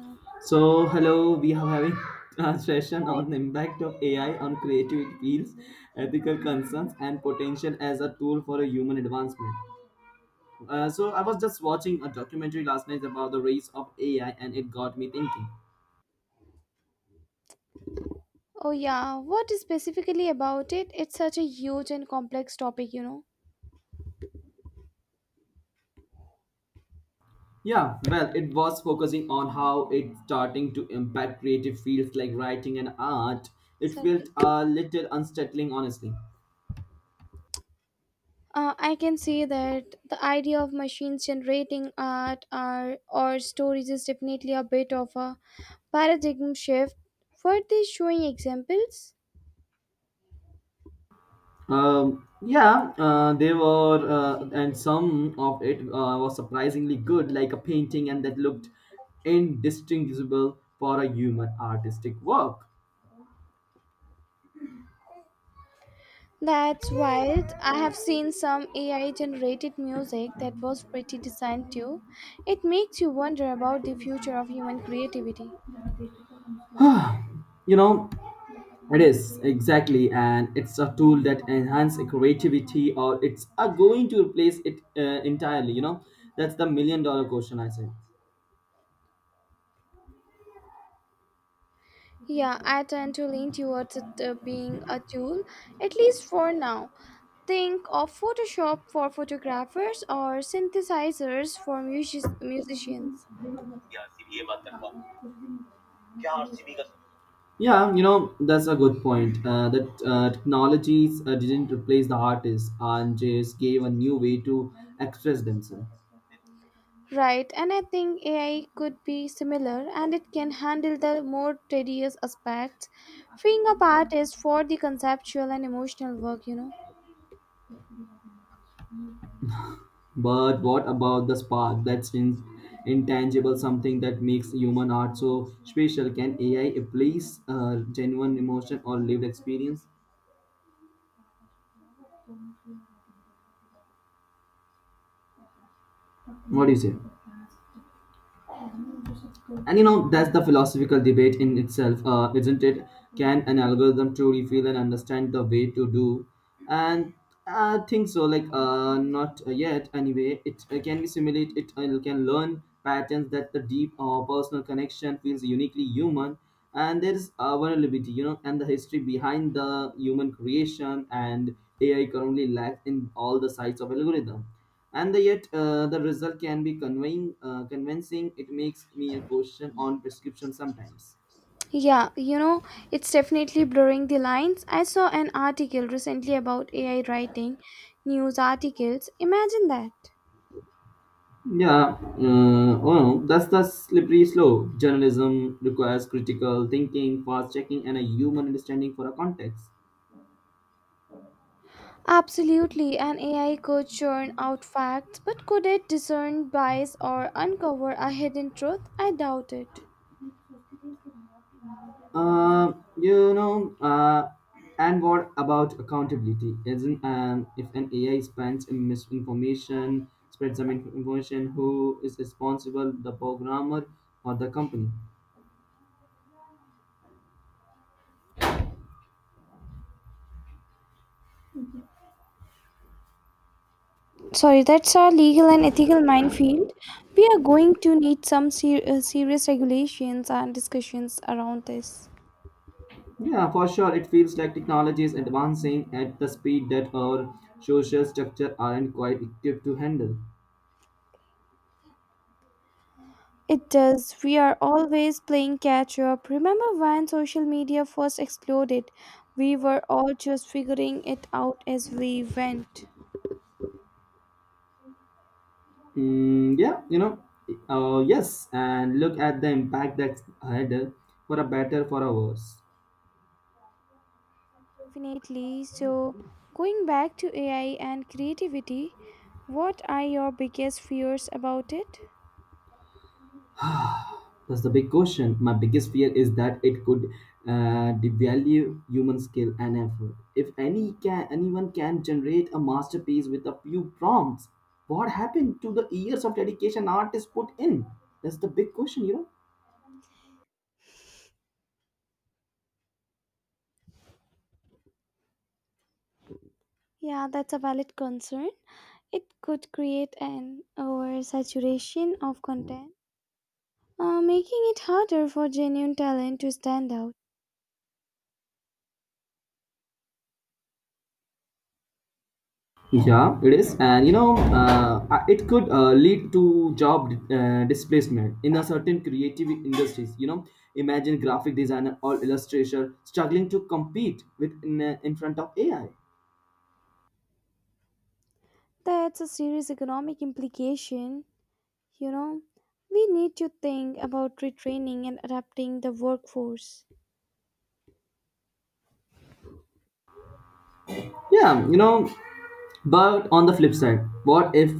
Hi. So hello, we are having a session on the impact of AI on creative fields, ethical concerns, and potential as a tool for a human advancement. So I was just watching a documentary last night about the rise of AI, and it got me thinking. Oh yeah, what specifically about it? It's such a huge and complex topic, you know. Yeah, well, it was focusing on how it's starting to impact creative fields like writing and art. It felt Sardi. a little unsettling, honestly. I can say that the idea of machines generating art or stories is definitely a bit of a paradigm shift. Were they showing examples? Yeah, they were, and some of it was surprisingly good, like a painting, and that looked indistinguishable for a human artistic work. That's wild. I have seen some AI generated music that was pretty designed too. It makes you wonder about the future of human creativity. you know, it is exactly, and it's a tool that enhance creativity, or it's are going to replace it entirely. You know, that's the million dollar question I say. Yeah, I tend to lean towards it being a tool, at least for now. Think of Photoshop for photographers or synthesizers for musicians. Yeah, you know, that's a good point. That technologies didn't replace the artists and just gave a new way to express themselves. Right, and I think AI could be similar and it can handle the more tedious aspects, freeing up artists for the conceptual and emotional work, you know. But what about the spark that's in, intangible, something that makes human art so special? Can AI replace genuine emotion or lived experience? What do you say? And you know that's the philosophical debate in itself, isn't it? Can an algorithm truly feel and understand the way to do? And I think so, like not yet anyway. It can be simulate, it can learn patterns that the deep or personal connection feels uniquely human. And there is vulnerability, you know, and the history behind the human creation, and AI currently lacks in all the sides of algorithm. And yet the result can be conveying, convincing. It makes me a question on prescription sometimes. Yeah, you know, it's definitely blurring the lines. I saw an article recently about AI writing news articles. Imagine that. Yeah, oh, that's the slippery slope. Journalism requires critical thinking, fast checking, and a human understanding for a context. Absolutely, an AI could churn out facts, but could it discern bias or uncover a hidden truth? I doubt it. Uh, you know, uh, and what about accountability? Isn't If an AI spends in misinformation, spreads some information, who is responsible? The programmer or the company? Sorry, that's our legal and ethical minefield. We are going to need some serious regulations and discussions around this. Yeah, for sure. It feels like technology is advancing at the speed that our social structure aren't quite equipped to handle. It does. We are always playing catch up. Remember when social media first exploded? We were all just figuring it out as we went. Yeah, you know, yes, and look at the impact that's had for a better, for a worse. Definitely. So, going back to AI and creativity, what are your biggest fears about it? That's the big question. My biggest fear is that it could devalue human skill and effort. If any can, anyone can generate a masterpiece with a few prompts, what happened to the years of dedication artists put in? That's the big question, you know. Yeah, that's a valid concern. It could create an oversaturation of content, making it harder for genuine talent to stand out. Yeah, it is, and you know, it could lead to job displacement in a certain creative industries. You know, imagine graphic designer or illustrator struggling to compete with in front of AI. That's a serious economic implication. You know, we need to think about retraining and adapting the workforce. Yeah, you know, but on the flip side, what if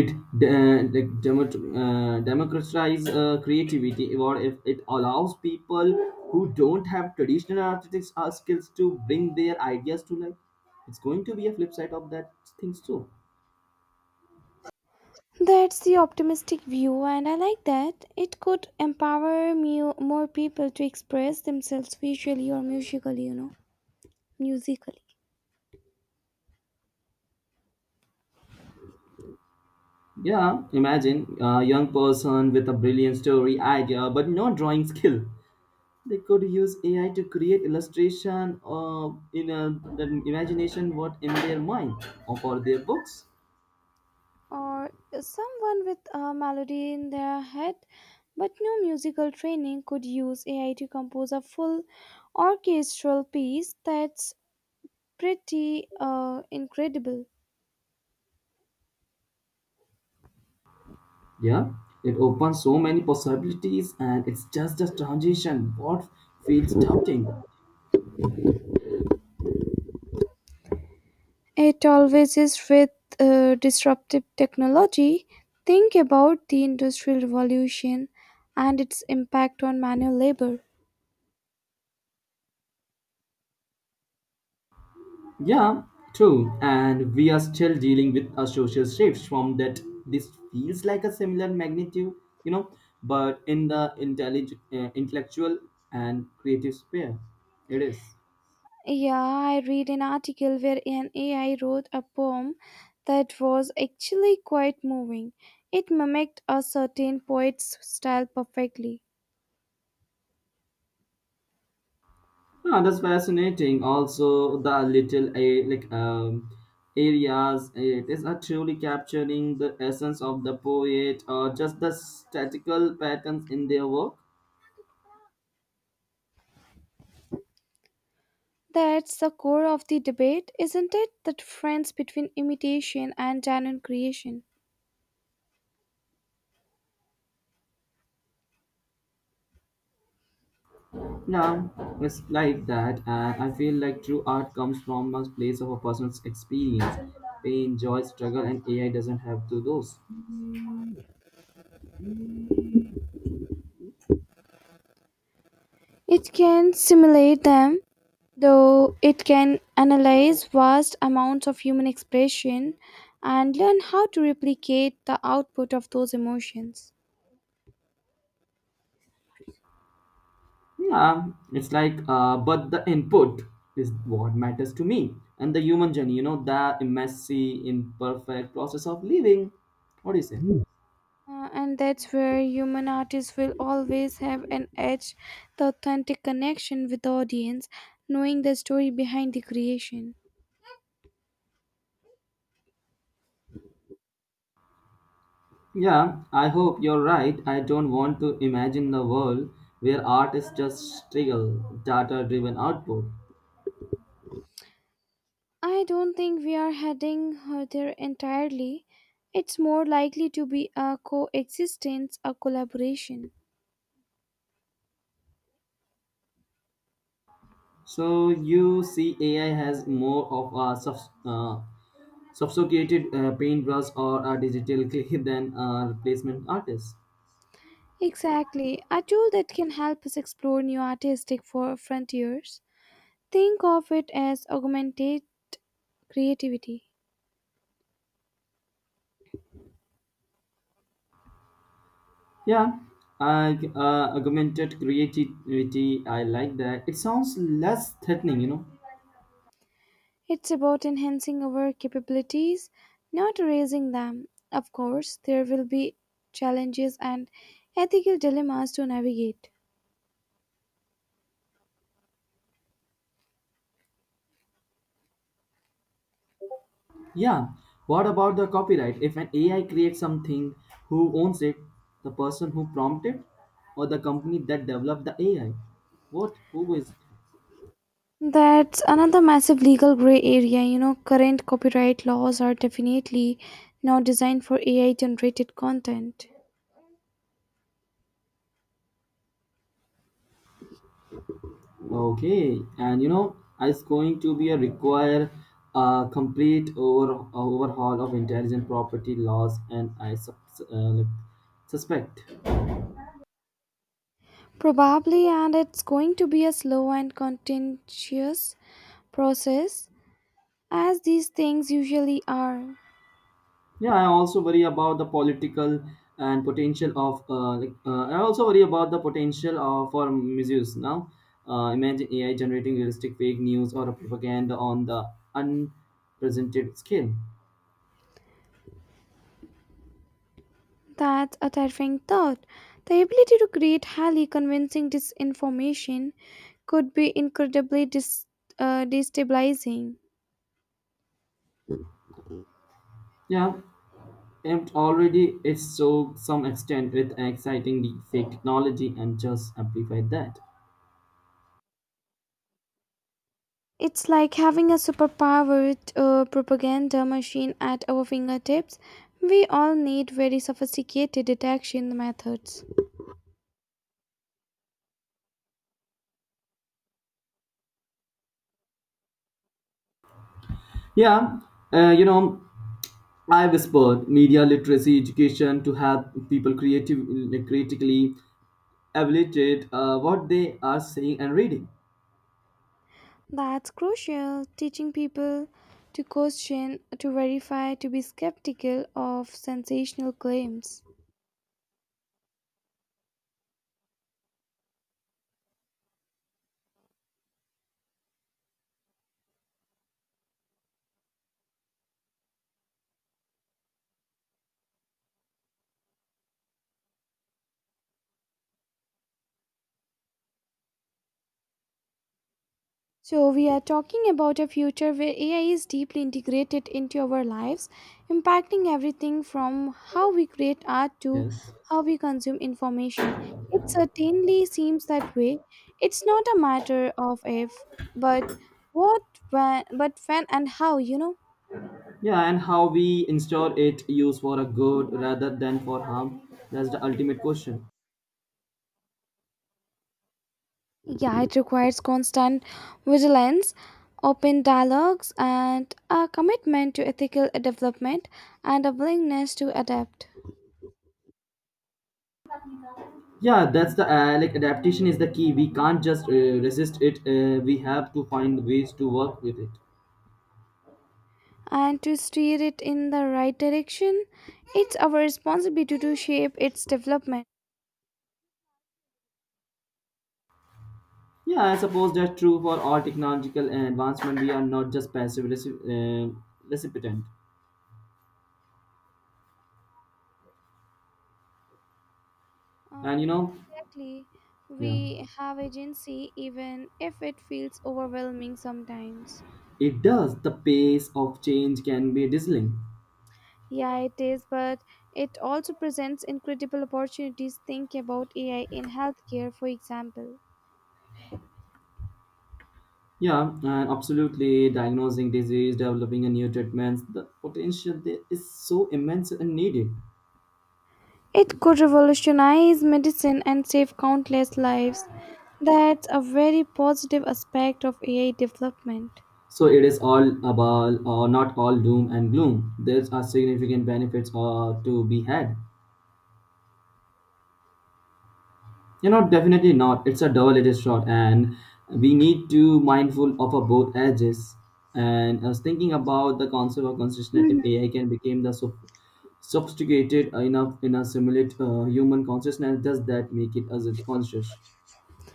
it democratize creativity? What if it allows people who don't have traditional artistic skills to bring their ideas to life? It's going to be a flip side of that things too. That's the optimistic view, and I like that. It could empower mu more people to express themselves visually or musically, you know, musically. Yeah, imagine a young person with a brilliant story idea but no drawing skill. They could use AI to create illustration or in a, the imagination what in their mind or for their books. Or someone with a melody in their head, but no musical training could use AI to compose a full orchestral piece. That's pretty incredible. Yeah, it opens so many possibilities and it's just a transition what feels doubting. It always is with disruptive technology. Think about the Industrial Revolution and its impact on manual labor. Yeah, true, and we are still dealing with a social shift from that. This feels like a similar magnitude, you know, but in the intellectual and creative sphere it is. Yeah, I read an article where an AI wrote a poem that was actually quite moving. It mimicked a certain poet's style perfectly. Ah, that's fascinating. Also, the little a like areas it is not truly capturing the essence of the poet or just the statical patterns in their work. That's the core of the debate, isn't it? The difference between imitation and genuine creation. No, it's like that, and I feel like true art comes from a place of a person's experience, pain, joy, struggle, and AI doesn't have to those. It can simulate them, though it can analyze vast amounts of human expression and learn how to replicate the output of those emotions. Yeah, it's like, but the input is what matters to me. And the human journey, you know, the messy, imperfect process of living. What do you say? And that's where human artists will always have an edge the authentic connection with the audience, knowing the story behind the creation. Yeah, I hope you're right. I don't want to imagine the world where artists just struggle data driven output. I don't think we are heading there entirely. It's more likely to be a coexistence, a collaboration. So you see AI has more of a sophisticated paintbrush or a digital clay than a replacement artist. Exactly, a tool that can help us explore new artistic for frontiers. Think of it as augmented creativity. Yeah, I augmented creativity. I like that. It sounds less threatening, you know. It's about enhancing our capabilities, not erasing them. Of course, there will be challenges and ethical dilemmas to navigate. Yeah. What about the copyright? If an AI creates something, who owns it? The person who prompted, or the company that developed the AI? What? Who is? That's another massive legal gray area. You know, current copyright laws are definitely not designed for AI generated content. Okay, and you know, it's going to be a require a complete overhaul of intelligent property laws, and I suspect. Probably, and it's going to be a slow and contentious process, as these things usually are. Yeah, I also worry about the political and potential of. I also worry about the potential of for misuse. Now, imagine AI generating realistic fake news or propaganda on the unprecedented scale. That's a terrifying thought. The ability to create highly convincing disinformation could be incredibly destabilizing. Yeah, and already it's so some extent with exciting the fake technology and just amplify that. It's like having a superpowered propaganda machine at our fingertips. We all need very sophisticated detection methods. Yeah, uh, you know, I whispered media literacy education to help people creative, like, critically evaluate what they are seeing and reading. That's crucial. Teaching people to question, to verify, to be skeptical of sensational claims. So, we are talking about a future where AI is deeply integrated into our lives, impacting everything from how we create art to Yes. how we consume information. It certainly seems that way. It's not a matter of if, but what, when, but when and how, you know. Yeah, and how we install it use for a good rather than for harm. That's the ultimate question. Yeah, it requires constant vigilance, open dialogues, and a commitment to ethical development and a willingness to adapt Yeah, that's the adaptation is the key. We can't just resist it. We have to find ways to work with it. and to steer it in the right direction. It's our responsibility to shape its development. Yeah, I suppose that's true for all technological advancement. We are not just passive recipient. And you Um, know, exactly. yeah, We have agency even if it feels overwhelming sometimes. it does. The pace of change can be dizzying. Yeah, it is, but it also presents incredible opportunities. Think about AI in healthcare, for example. Yeah, and absolutely. Diagnosing disease, developing a new treatment, the potential there is so immense and needed. It could revolutionize medicine and save countless lives. That's a very positive aspect of AI development. So it is all about, or not all doom and gloom. There are significant benefits to be had. You know, definitely not. It's a double-edged sword, and we need to mindful of both edges. And I was thinking about the concept of consciousness. If AI can become the so sophisticated enough in a simulate human consciousness, does that make it as it conscious?